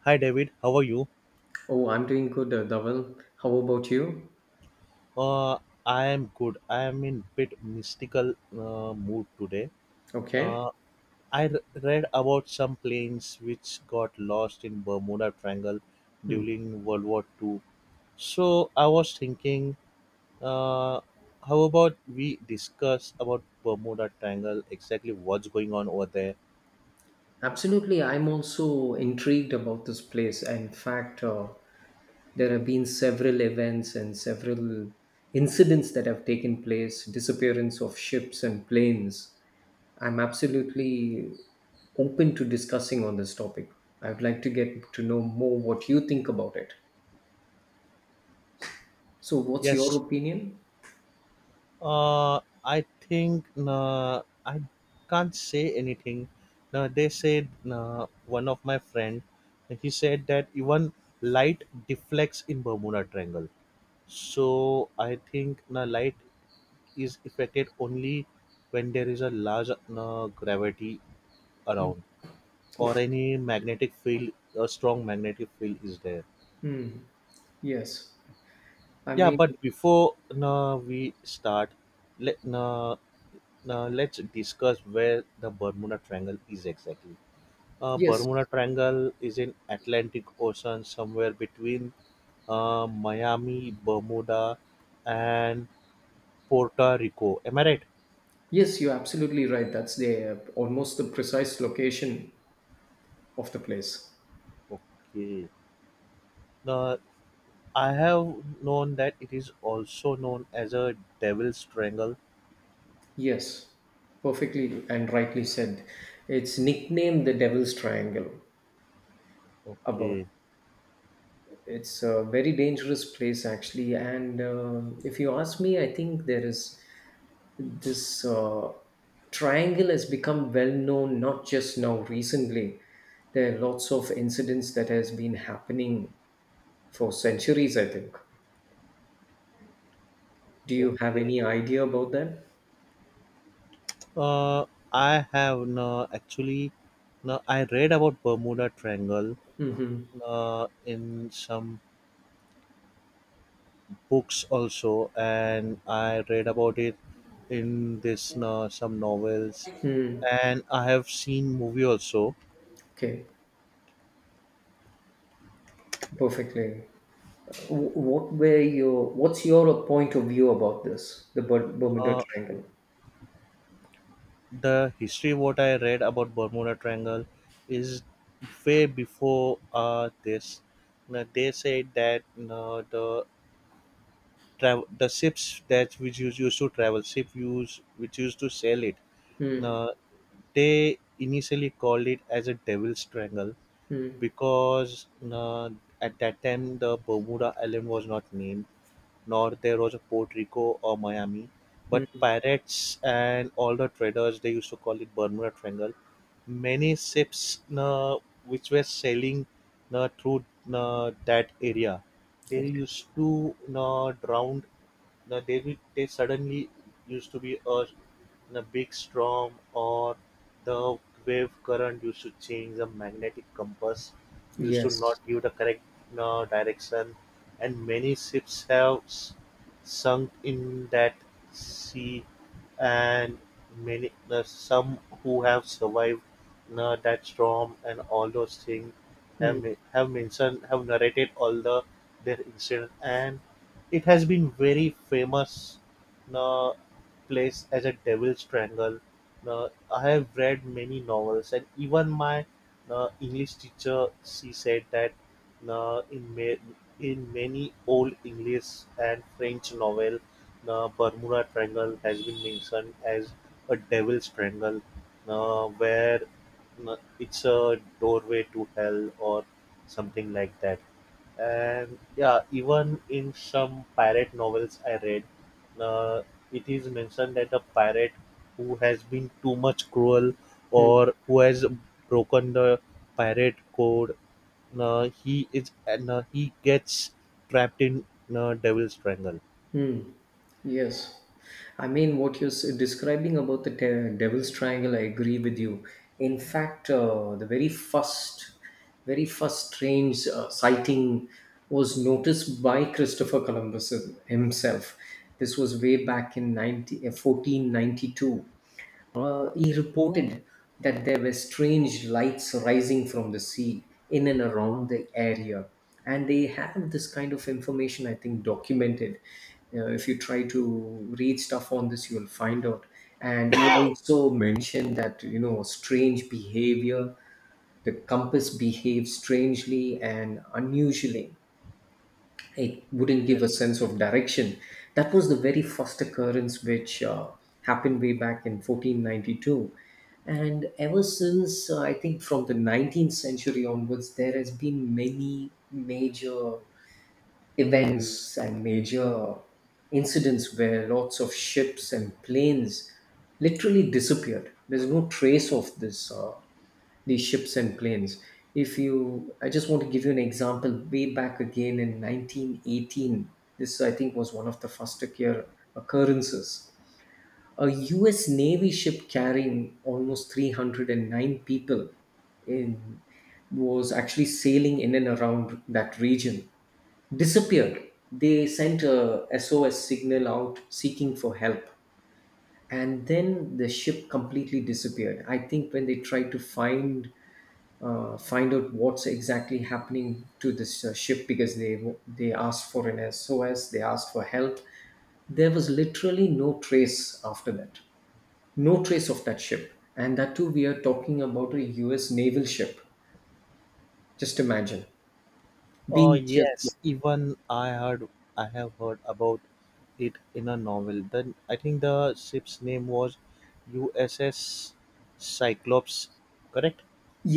Hi David, how are you? Oh, I'm doing good, Dhaval. How about you? Uh, I am good. I am in bit mystical mood today. Okay. Uh, read about some planes which got lost in Bermuda Triangle Hmm. during World War Two. So I was thinking, uh, how about we discuss about Bermuda Triangle, exactly what's going on over there? Absolutely. I'm also intrigued about this place. In fact, there have been several events and several incidents that have taken place, disappearance of ships and planes. I'm absolutely open to discussing on this topic. I would like to get to know more what you think about it. So, what's your Yes. opinion? I think I can't say anything. They said, one of my friend, he said that even light deflects in Bermuda Triangle. So I think light is affected only when there is a large gravity Hmm. around, or Okay. any magnetic field, a strong magnetic field is there. Hmm. Yes. I Yeah, mean, but before no, we start, let no. Now let's discuss where the Bermuda Triangle is exactly. Yes. Bermuda Triangle is in Atlantic Ocean, somewhere between Miami, Bermuda, and Puerto Rico. Am I right? Yes, you're absolutely right. That's the almost the precise location of the place. Okay. Now I have known that it is also known as a Devil's Triangle. Yes, perfectly and rightly said. It's nicknamed the Devil's Triangle. About Okay. it, it's a very dangerous place actually. And if you ask me, I think there is this triangle has become well known not just now recently. There are lots of incidents that has been happening for centuries, I think. Do you have Okay. any idea about that? Uh, I have no actually. No, I read about Bermuda Triangle Hmm. In some books also, and I read about it in this, some novels, Hmm. and I have seen movie also. Okay. Perfectly. What were your? What's your point of view about this? The Bermuda Uh, Triangle. the history what I read about Bermuda Triangle is way before this. Now, they said that the travel the ships that which used to travel ship use which used to sail it. Hmm. Now, they initially called it as a devil's triangle Hmm. because at that time the Bermuda Island was not named, nor there was a Puerto Rico or Miami, but Hmm. pirates and all the traders they used to call it Bermuda Triangle. Many ships which were sailing through that area, they Okay. used to drown. They suddenly used to be a in a big storm, or the wave current, you should change the magnetic compass. You should not Yes. give the correct direction, and many ships have sunk in that sea, and many, some who have survived that storm and all those things Hmm. have mentioned, have narrated all the their incident, and it has been very famous uh, place as a devil's triangle. Now, I have read many novels, and even my English teacher, she said that uh, in ma- in many old English and French novel, the Bermuda Triangle has been mentioned as a devil's triangle, where it's a doorway to hell or something like that. And yeah, even in some pirate novels I read uh, it is mentioned that a pirate who has been too much cruel, or who has broken the pirate code, he is and he gets trapped in devil's triangle. Hmm. Yes. I mean, what you're describing about the Devil's Triangle, I agree with you. In fact, the very first strange sighting was noticed by Christopher Columbus himself. This was way back in 90, 1492. He reported that there were strange lights rising from the sea in and around the area. And they have this kind of information, I think, documented. If you try to read stuff on this, you'll find out. And you also mentioned that, strange behavior, the compass behaves strangely and unusually, it wouldn't give a Yes. sense of direction. That was the very first occurrence which happened way back in 1492. And ever since, I think from the 19th century onwards, there has been many major events and major incidents where lots of ships and planes literally disappeared. There's no trace of this these ships and planes. If you, I just want to give you an example way back again in 1918. This, I think, was one of the first occurrences. A US Navy ship carrying almost 309 people in, was actually sailing in and around that region, disappeared. They sent a SOS signal out seeking for help. And then the ship completely disappeared. I think when they tried to find out what's exactly happening to this ship, because they asked for an SOS, they asked for help. There was literally no trace after that, no trace of that ship, and that too, we are talking about a U.S. naval ship. Just imagine Oh being just yes, even I have heard about it in a novel. Then I think the ship's name was USS Cyclops, correct?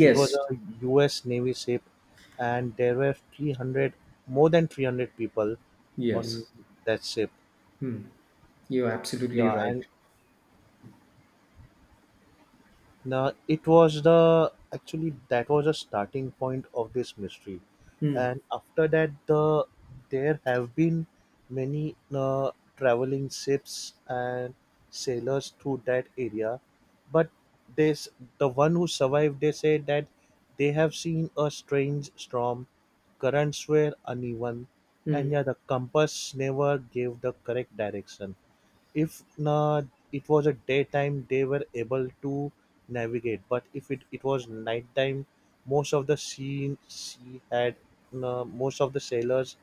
It was a US Navy ship, and there were 300, more than 300 people on yes, that ship. you're absolutely Yeah. right. And, Now, it was the actually that was the starting point of this mystery, Mm, and after that, there have been many traveling ships and sailors through that area, but this the one who survived. They say that they have seen a strange storm, currents were uneven, and mm, yeah, the compass never gave the correct direction. If na it was a daytime, they were able to navigate, but if it was nighttime, most of the sea had, most of the sailors,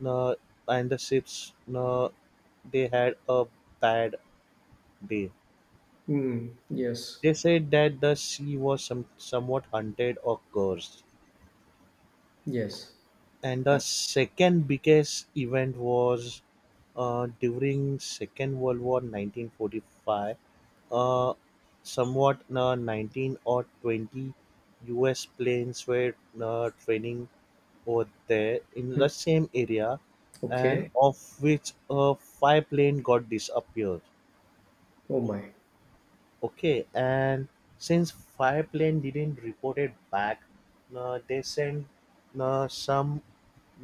na, and the ships, they had a bad day. mm, yes, They said that the sea was somewhat hunted or cursed. yes. And the Uh, second biggest event was, during Second World War, 1945. Uh, somewhat 19 or 20 U.S. planes were training over there in the mm, same area, and okay. of which five plane got disappeared. Oh my. Okay, and since Fireplane didn't report it back, they sent some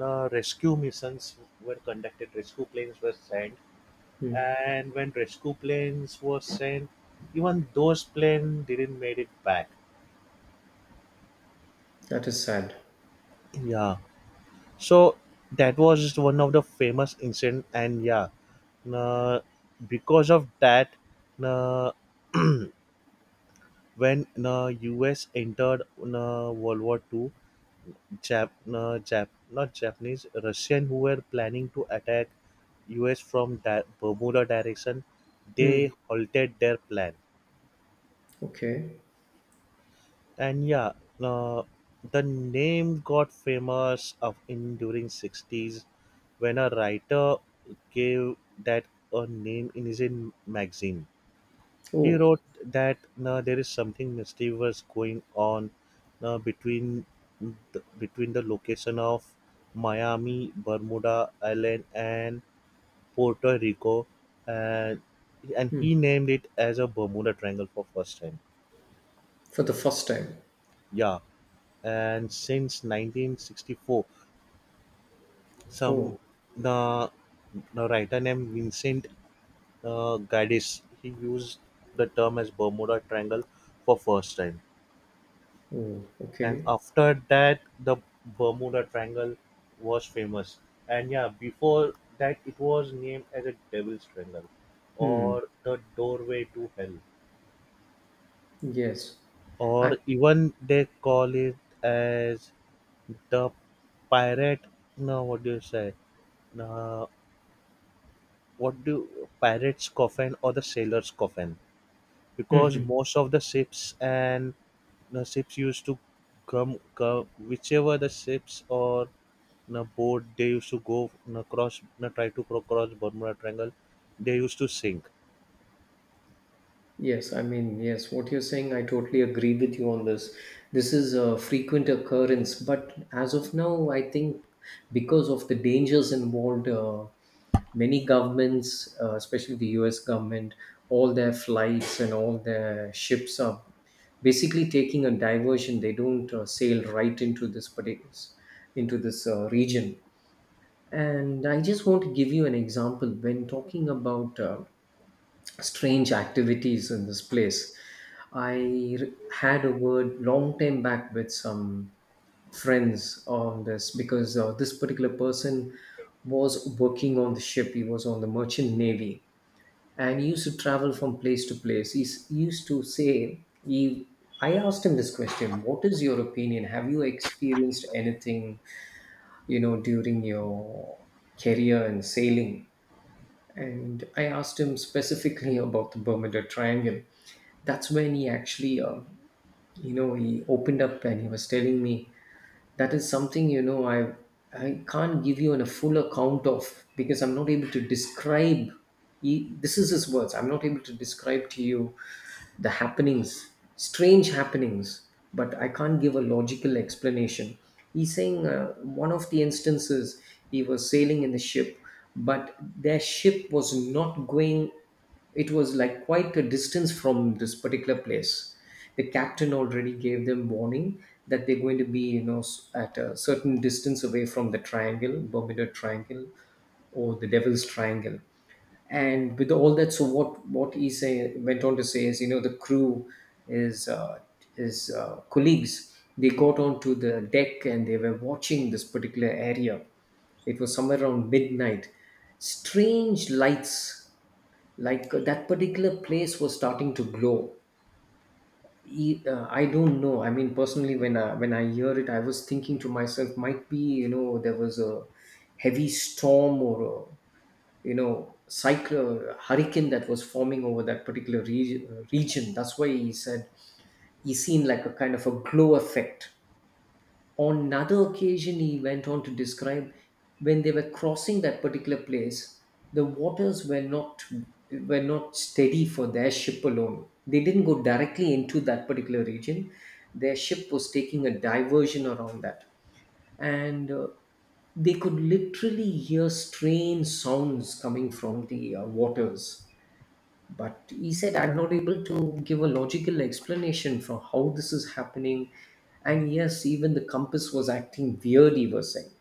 rescue missions were conducted. Rescue planes were sent, Mm, and when rescue planes were sent, even those planes didn't made it back. that is sad. Yeah. So that was one of the famous incident. And yeah, uh, because of that, uh, when U.S. entered World War Two, Jap, no, Jap, not Japanese, Russian who were planning to attack US from that Bermuda direction, they Mm, halted their plan. okay. And yeah, uh, the name got famous of in during 60s when a writer gave that a name in his, in magazine. He wrote Oh. that, "Now there is something mischievous going on now between the location of Miami, Bermuda Island, and Puerto Rico." And and Hmm. he named it as a Bermuda Triangle for first time. For the first time. Yeah, and since 1964, some Oh, the, the writer named Vincent, Gaddis, he used the term as Bermuda Triangle for first time. oh, And okay. after that, the Bermuda Triangle was famous. And yeah, before that it was named as a devil's triangle, Hmm. or the doorway to hell, Yes. or I even they call it as the pirate, no, what do you say, uh, what do pirates coffin or the sailor's coffin, because mhm. most of the ships and the ships used to come whichever the ships or the boat they used to go, cross, try to cross Bermuda Triangle, they used to sink. Yes, I mean, yes, what you're saying, I totally agree with you on this. This is a frequent occurrence, but as of now, I think because of the dangers involved, many governments, especially the US government, all their flights and all their ships are basically taking a diversion. They don't sail right into this particular, into this region. And I just want to give you an example when talking about strange activities in this place. I had a word long time back with some friends on this because this particular person was working on the ship. He was on the merchant navy and he used to travel from place to place. He used to say, I asked him this question, what is your opinion? Have you experienced anything, you know, during your career in sailing. And I asked him specifically about the Bermuda Triangle. That's when he actually, he opened up and he was telling me that is something, I can't give you a full account of because I'm not able to describe. This is his words. I'm not able to describe to you the happenings, strange happenings, but I can't give a logical explanation. He's saying one of the instances he was sailing in the ship, but their ship was not going, it was like quite a distance from this particular place. The captain already gave them warning that they're going to be, you know, at a certain distance away from the triangle, Bermuda Triangle, or the Devil's Triangle. And with all that, so what he say went on to say is, you know, the crew is his colleagues, they got onto the deck and they were watching this particular area. It was somewhere around midnight, strange lights, like that particular place was starting to glow. I don't know, I mean, personally, when I hear it, I was thinking to myself, might be, you know, there was a heavy storm, or, you know, cyclone, hurricane that was forming over that particular region. That's why he said he seen like a kind of a glow effect. On another occasion, he went on to describe when they were crossing that particular place, the waters were not steady for their ship alone. They didn't go directly into that particular region. Their ship was taking a diversion around that, and they could literally hear strange sounds coming from the waters. But he said, I'm not able to give a logical explanation for how this is happening. And yes, even the compass was acting weird, he was saying.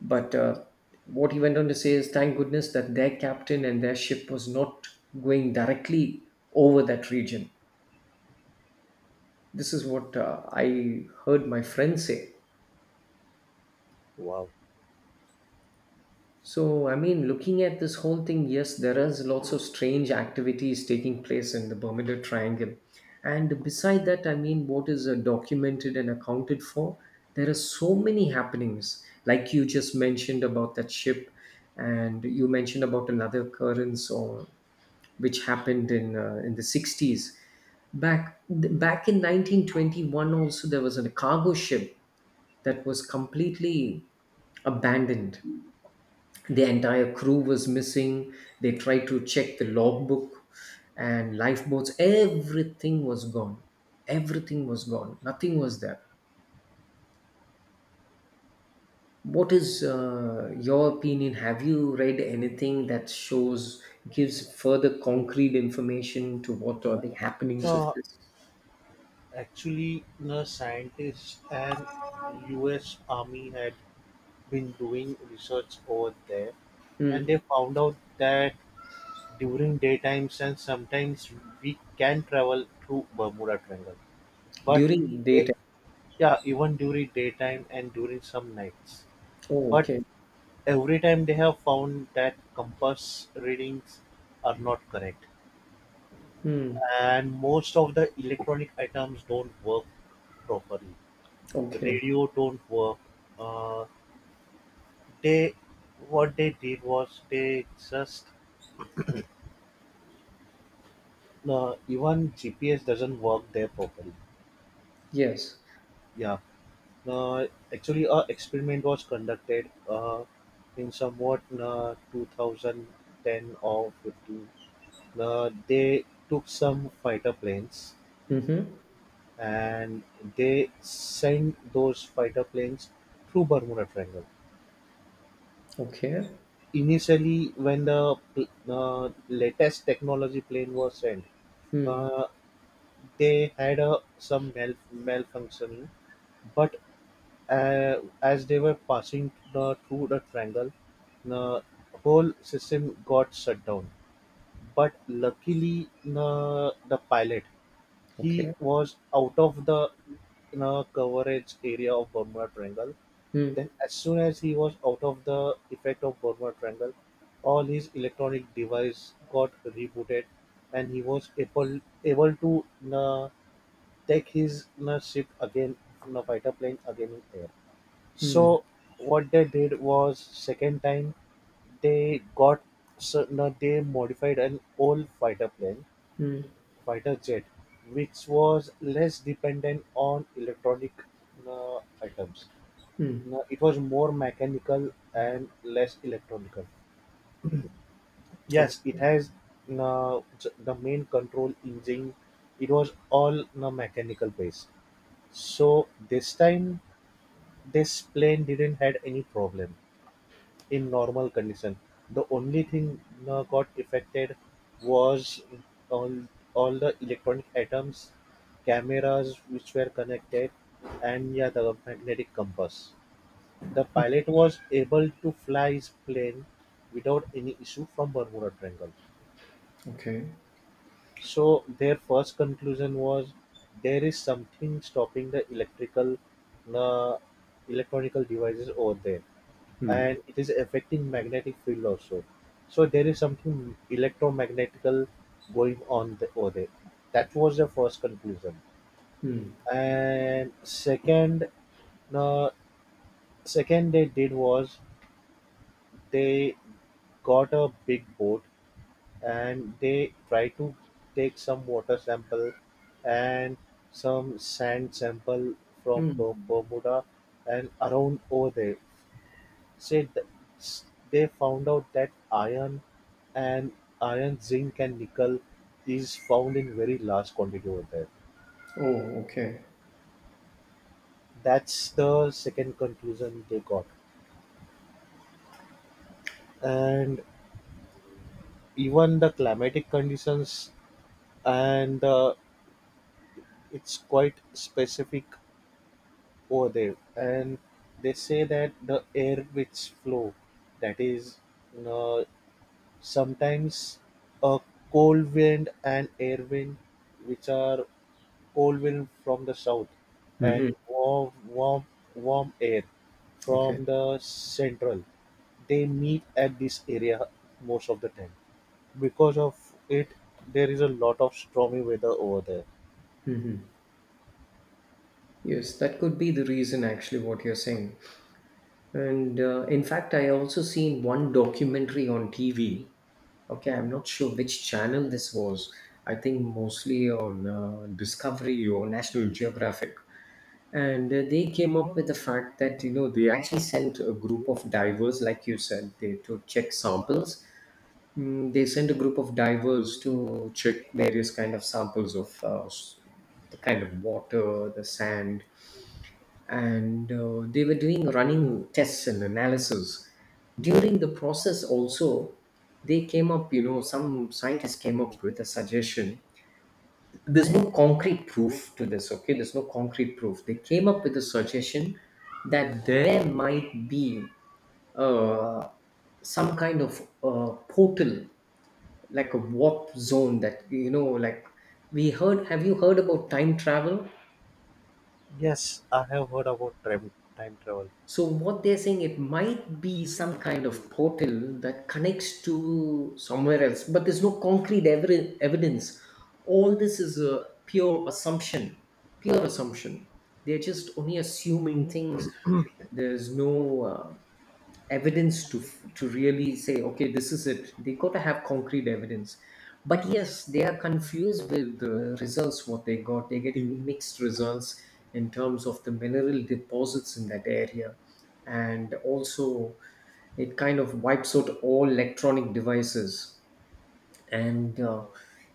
But what he went on to say is, thank goodness that their captain and their ship was not going directly over that region. This is what I heard my friend say. Wow. So, I mean, looking at this whole thing, yes, there is lots of strange activities taking place in the Bermuda Triangle. And beside that, I mean, what is documented and accounted for? There are so many happenings, like you just mentioned about that ship, and you mentioned about another occurrence or which happened in the 60s. Back back in 1921, also there was a cargo ship that was completely abandoned. The entire crew was missing. They tried to check the logbook and lifeboats. Everything was gone, everything was gone, nothing was there. What is your opinion? Have you read anything that shows, gives further concrete information to what are the happenings of uh, this? actually, the scientists and US army had been doing research over there, and they Hmm. found out that during daytimes and sometimes we can travel through Bermuda Triangle, but During they, daytime. yeah, even during daytime and during some nights. Oh, But okay. every time they have found that compass readings are not correct. Hmm. And most of the electronic items don't work properly. Okay. Radio don't work. Uh, they, what they did was they just, even GPS doesn't work there properly. Yes. Yeah. Uh, actually, a experiment was conducted in somewhat 2010 or 15. They took some fighter planes Mm-hmm. and they sent those fighter planes through Bermuda Triangle. Okay. Initially, when the latest technology plane was sent, Hmm. uh, they had a, some malfunctioning, but uh, as they were passing through the triangle, the whole system got shut down. But luckily, the pilot, he Okay. was out of the, coverage area of Bermuda Triangle. Hmm. Then as soon as he was out of the effect of Bermuda Triangle, all his electronic device got rebooted, and he was able to uh, take his ship again, fighter plane again in air. Hmm. So what they did was, second time, they got certain they modified an old fighter plane, Hmm. fighter jet, which was less dependent on electronic items. Hmm. It was more mechanical and less electronical. Yes, it Okay. has uh, the main control engine. It was all mechanical based. So this time, this plane didn't had any problem in normal condition. The only thing got affected was all, all the electronic items, cameras which were connected, and yeah, the magnetic compass. The pilot was able to fly his plane without any issue from Bermuda Triangle. Okay. So their first conclusion was, there is something stopping the electrical, uh, electronical devices over there, and it is affecting magnetic field also. So there is something electromagnetical going on over there. That was the first conclusion. Mm. And second, uh, they did was, they got a big boat and they tried to take some water sample and some sand sample from Mm. Bermuda and around over there. said th- s- they found out that and iron, zinc, and nickel is found in very large quantity over there. Oh, okay. That's the second conclusion they got. And even the climatic conditions and it's quite specific over there. And they say that the air which flow, that is, uh, sometimes a cold wind and air wind, which are cold wind from the south Mm. Hmm. and warm air Okay. from the central. They meet at this area most of the time. Because of it, there is a lot of stormy weather over there. Hmm. Yes, that could be the reason actually what you're saying. And in fact, I also seen one documentary on TV. Okay, I'm not sure which channel this was. I think mostly on Discovery or National Geographic. And they came up with the fact that, you know, they actually sent a group of divers, like you said, they to check samples. Mm, they sent a group of divers to check various kind of samples of the kind of water, the sand, and they were doing running tests and analysis. During the process, also they came up. You know, some scientists came up with a suggestion. There's no concrete proof to this. Okay, there's no concrete proof. They came up with a suggestion that there might be uh, some kind of portal, like a warp zone, that, you know, like we heard, have you heard about time travel? Yes, I have heard about time travel. So what they're saying, it might be some kind of portal that connects to somewhere else, but there's no concrete evidence. All this is a pure assumption, pure assumption. They're just only assuming things. There's no evidence to really say, okay, this is it. They got to have concrete evidence. But yes, they are confused with the results. What they got, they're getting mixed results in terms of the mineral deposits in that area. And also, it kind of wipes out all electronic devices. And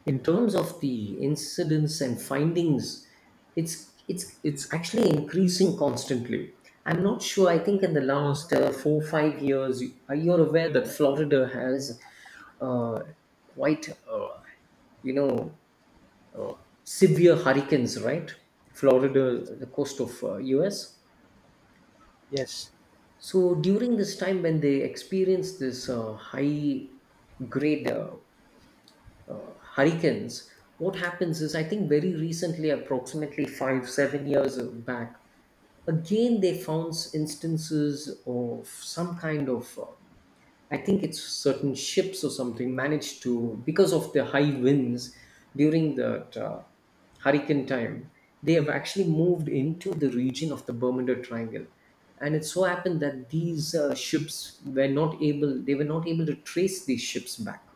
in terms of the incidents and findings, it's actually increasing constantly. I'm not sure, I think in the last 4, 5 years, you're aware that Florida has, uh, quite, you know, severe hurricanes, right? Florida, the coast of, US. Yes, So during this time, when they experience this high grade hurricanes, what happens is, I think very recently, approximately five, 7 years back, again they found instances of some kind of, I think it's certain ships or something managed to, because of the high winds during that hurricane time, they have actually moved into the region of the Bermuda Triangle. And it so happened that these ships were not able, they were not able to trace these ships back.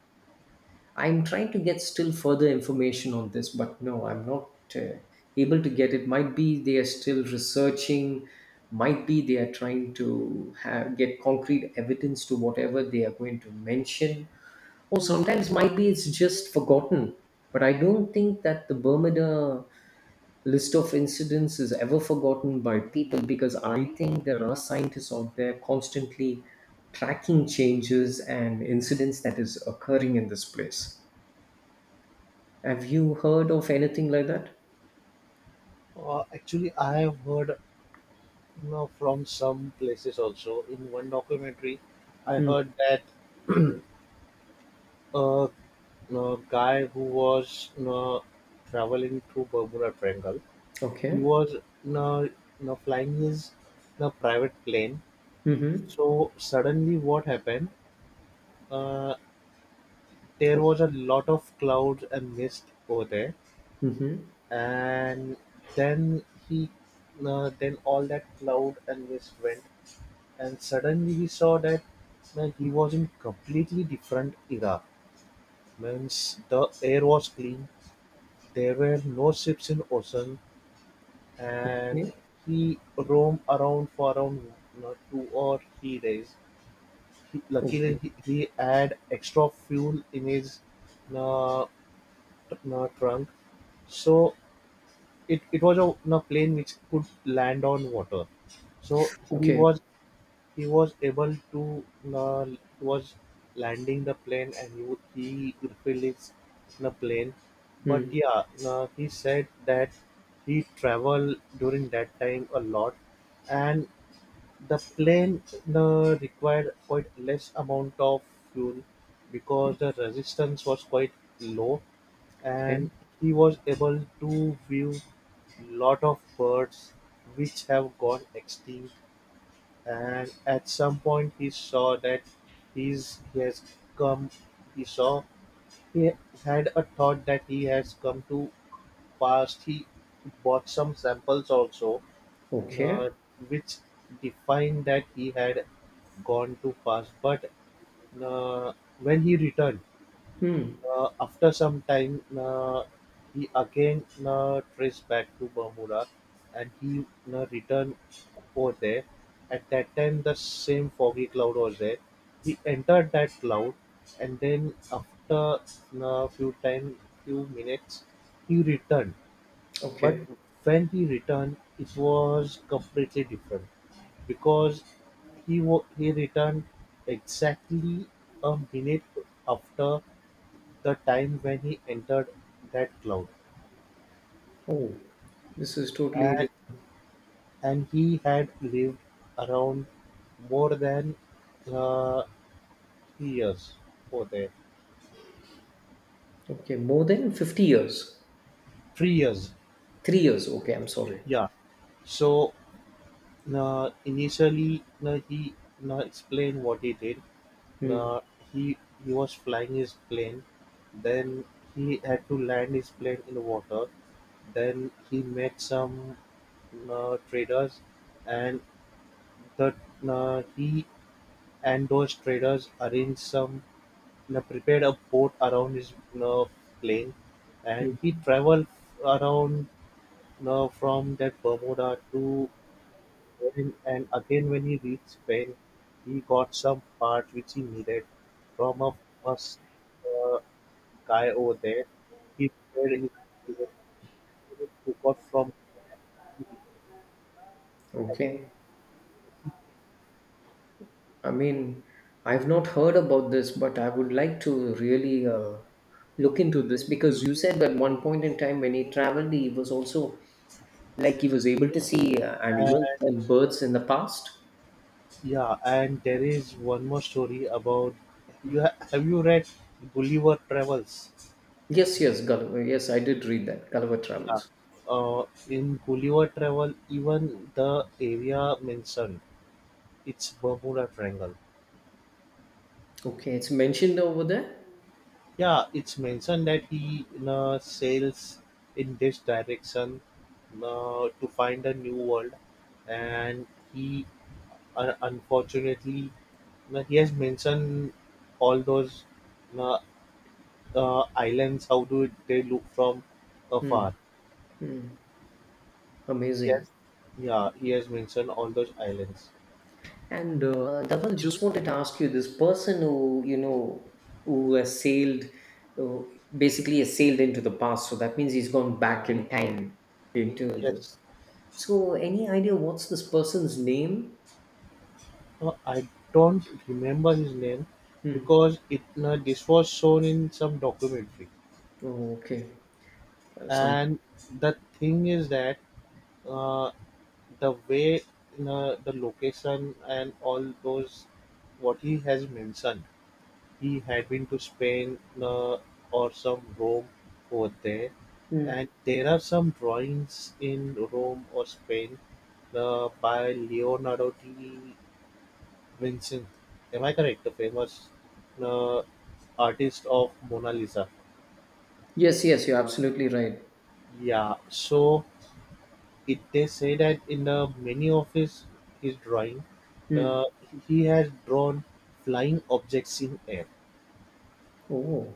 I'm trying to get still further information on this, but no, I'm not uh, able to get it. Might be they are still researching, might be they are trying to have, get concrete evidence to whatever they are going to mention, or sometimes might be it's just forgotten. But I don't think that the Bermuda list of incidents is ever forgotten by people, because I think there are scientists out there constantly tracking changes and incidents that is occurring in this place. Have you heard of anything like that? Actually, I have heard, from some places also. In one documentary, I Mm, heard that a, guy who was, traveling through Bermuda Triangle, he okay. was in a, in a flying his in a private plane. Mhm. So suddenly, what happened? Uh, there O was a lot of clouds and mist over there, mhm. and then he, then all that cloud and mist went, and suddenly he saw that, man, he was in completely different era. Means the air was clean, there were no ships in ocean, and Okay. he roamed around for around, 2 or 3 days. Luckily, Okay. he had extra fuel in his, uh, trunk. So it was a plane which could land on water. So he Okay. was he was able to, uh, was landing the plane, and he refilled his the plane. But Mm, yeah, he said that he traveled during that time a lot, and the plane required quite less amount of fuel because the resistance was quite low and okay. he was able to view lot of birds which have gone extinct. And at some point he saw that he's, he has come he saw he had a thought that he has come to past. He bought some samples also, Okay. uh, which defined that he had gone too fast. But uh, when he returned, Mm, after some time, he again traced back to Bermuda and he returned over there. At that time, the same foggy cloud was there. He entered that cloud and then after a few time, few minutes, he returned. But okay. when he returned, it was completely different because he returned exactly a minute after the time when he entered that cloud, Oh, this is totally and, diff. and he had lived around more than uh, 3 years over there. Okay, more than 50 years. 3 years, 3 years. Okay, I'm sorry. yeah. So initially, he explained what he did. Mm, Uh, he he was flying his plane, then he had to land his plane in water. Then he met some traders, and the he and those traders arranged some prepared a boat around his uh, plane, and he mm. traveled around from that Bermuda to when- And again when he reached Spain, he got some parts which he needed from a first uh, guy over there. He paid his eventually took off from Okay. I mean, I've not heard about this, but I would like to really look into this, because you said that one point in time when he traveled, he was also like he was able to see and, animals and birds in the past. yeah, and there is one more story about have you read Gulliver Travels? Yes, yes, Gulliver. Yes, I did read that. Gulliver Yeah, Travels. In Gulliver Travel, even the area mentioned it's Bermuda Triangle. Okay, it's mentioned over there. Yeah, it's mentioned that he sails in this direction, to find a new world, and he unfortunately he has mentioned all those uh, islands. How do they look from Hmm, afar? hmm, amazing. Yes, yeah, he has mentioned all those islands. And Dhaval, just wanted to ask you, this person who, you know, who has sailed, uh, basically has sailed into the past. So that means he's gone back in time into the. Yes, So, any idea what's this person's name? I don't remember his name Hmm. because it this was shown in some documentary. Oh, okay. Some. And the thing is that uh, the way the location and all those what he has mentioned, he had been to Spain, or some Rome over there, Hmm. and there are some drawings in Rome or Spain, by Leonardo da Vinci, am I correct, the famous uh, artist of Mona Lisa? Yes, yes, you're absolutely right. Yeah, so It They say that in the many of his drawing, Hmm. the he has drawn flying objects in air. Oh.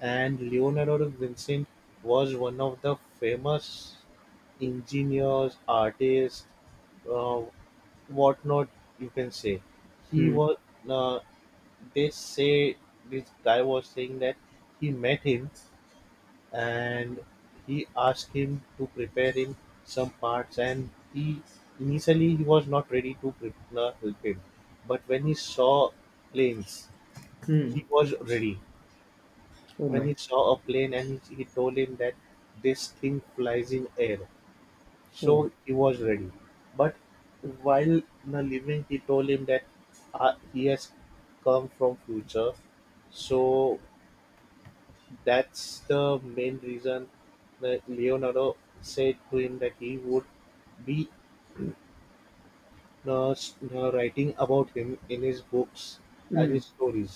And Leonardo da Vinci was one of the famous engineers, artists, uh, whatnot. You can say he Mm, was. Uh, they say this guy was saying that he met him and he asked him to prepare him some parts, and he initially he was not ready to prepare help him, but when he saw planes he mm. was ready. Oh When he my. saw a plane, he told him that this thing flies in air, so Oh. he was ready. But while na leaving he told him that he has come from future, so that's the main reason that Leonardo said to him that he would be writing about him in his books and Mm. his stories.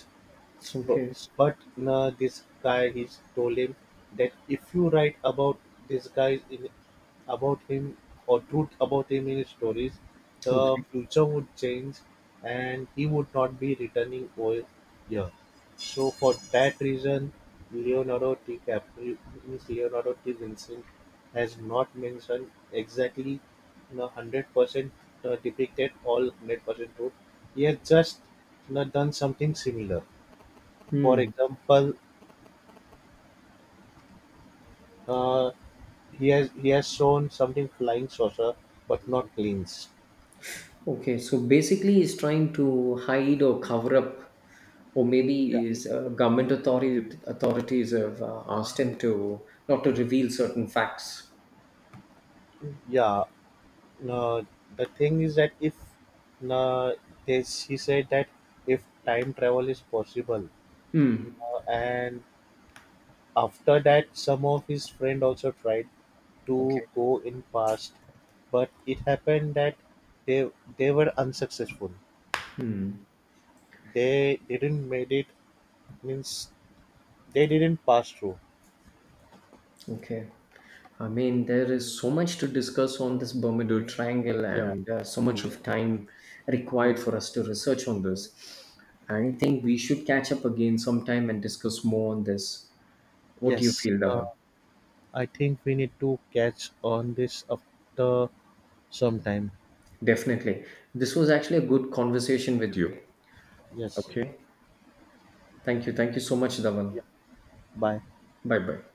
S- bu- Okay. But this guy, he told him that if you write about this guy, in, about him, or truth about him in his stories, the Okay. future would change and he would not be returning over here. So, for that reason, Leonardo DiCaprio, means Leonardo T. Vincent, has not mentioned exactly न 100%, depicted all 100% truth. He has just not done something similar. For Mm. example, uh, he has shown something flying saucer, but not planes. Okay. So basically, is trying to hide or cover up, or Yeah. maybe is, government authority, authorities have, asked him to not to reveal certain facts. Yeah. No, the thing is that if no, they, he said that if time travel is possible, Mm. no, and after that, some of his friend also tried to Okay. go in past, but it happened that they they were unsuccessful. They didn't made it, means they didn't pass through. Okay. I mean, there is so much to discuss on this Bermuda Triangle, Yeah. and so much of time required for us to research on this. I think we should catch up again sometime and discuss more on this. What do you Yes. feel, Dhawan? I think we need to catch on this after some time. Definitely. This was actually a good conversation with you. Yes. Okay. Thank you. Thank you so much, Yeah. Dhawan. Bye. Bye bye.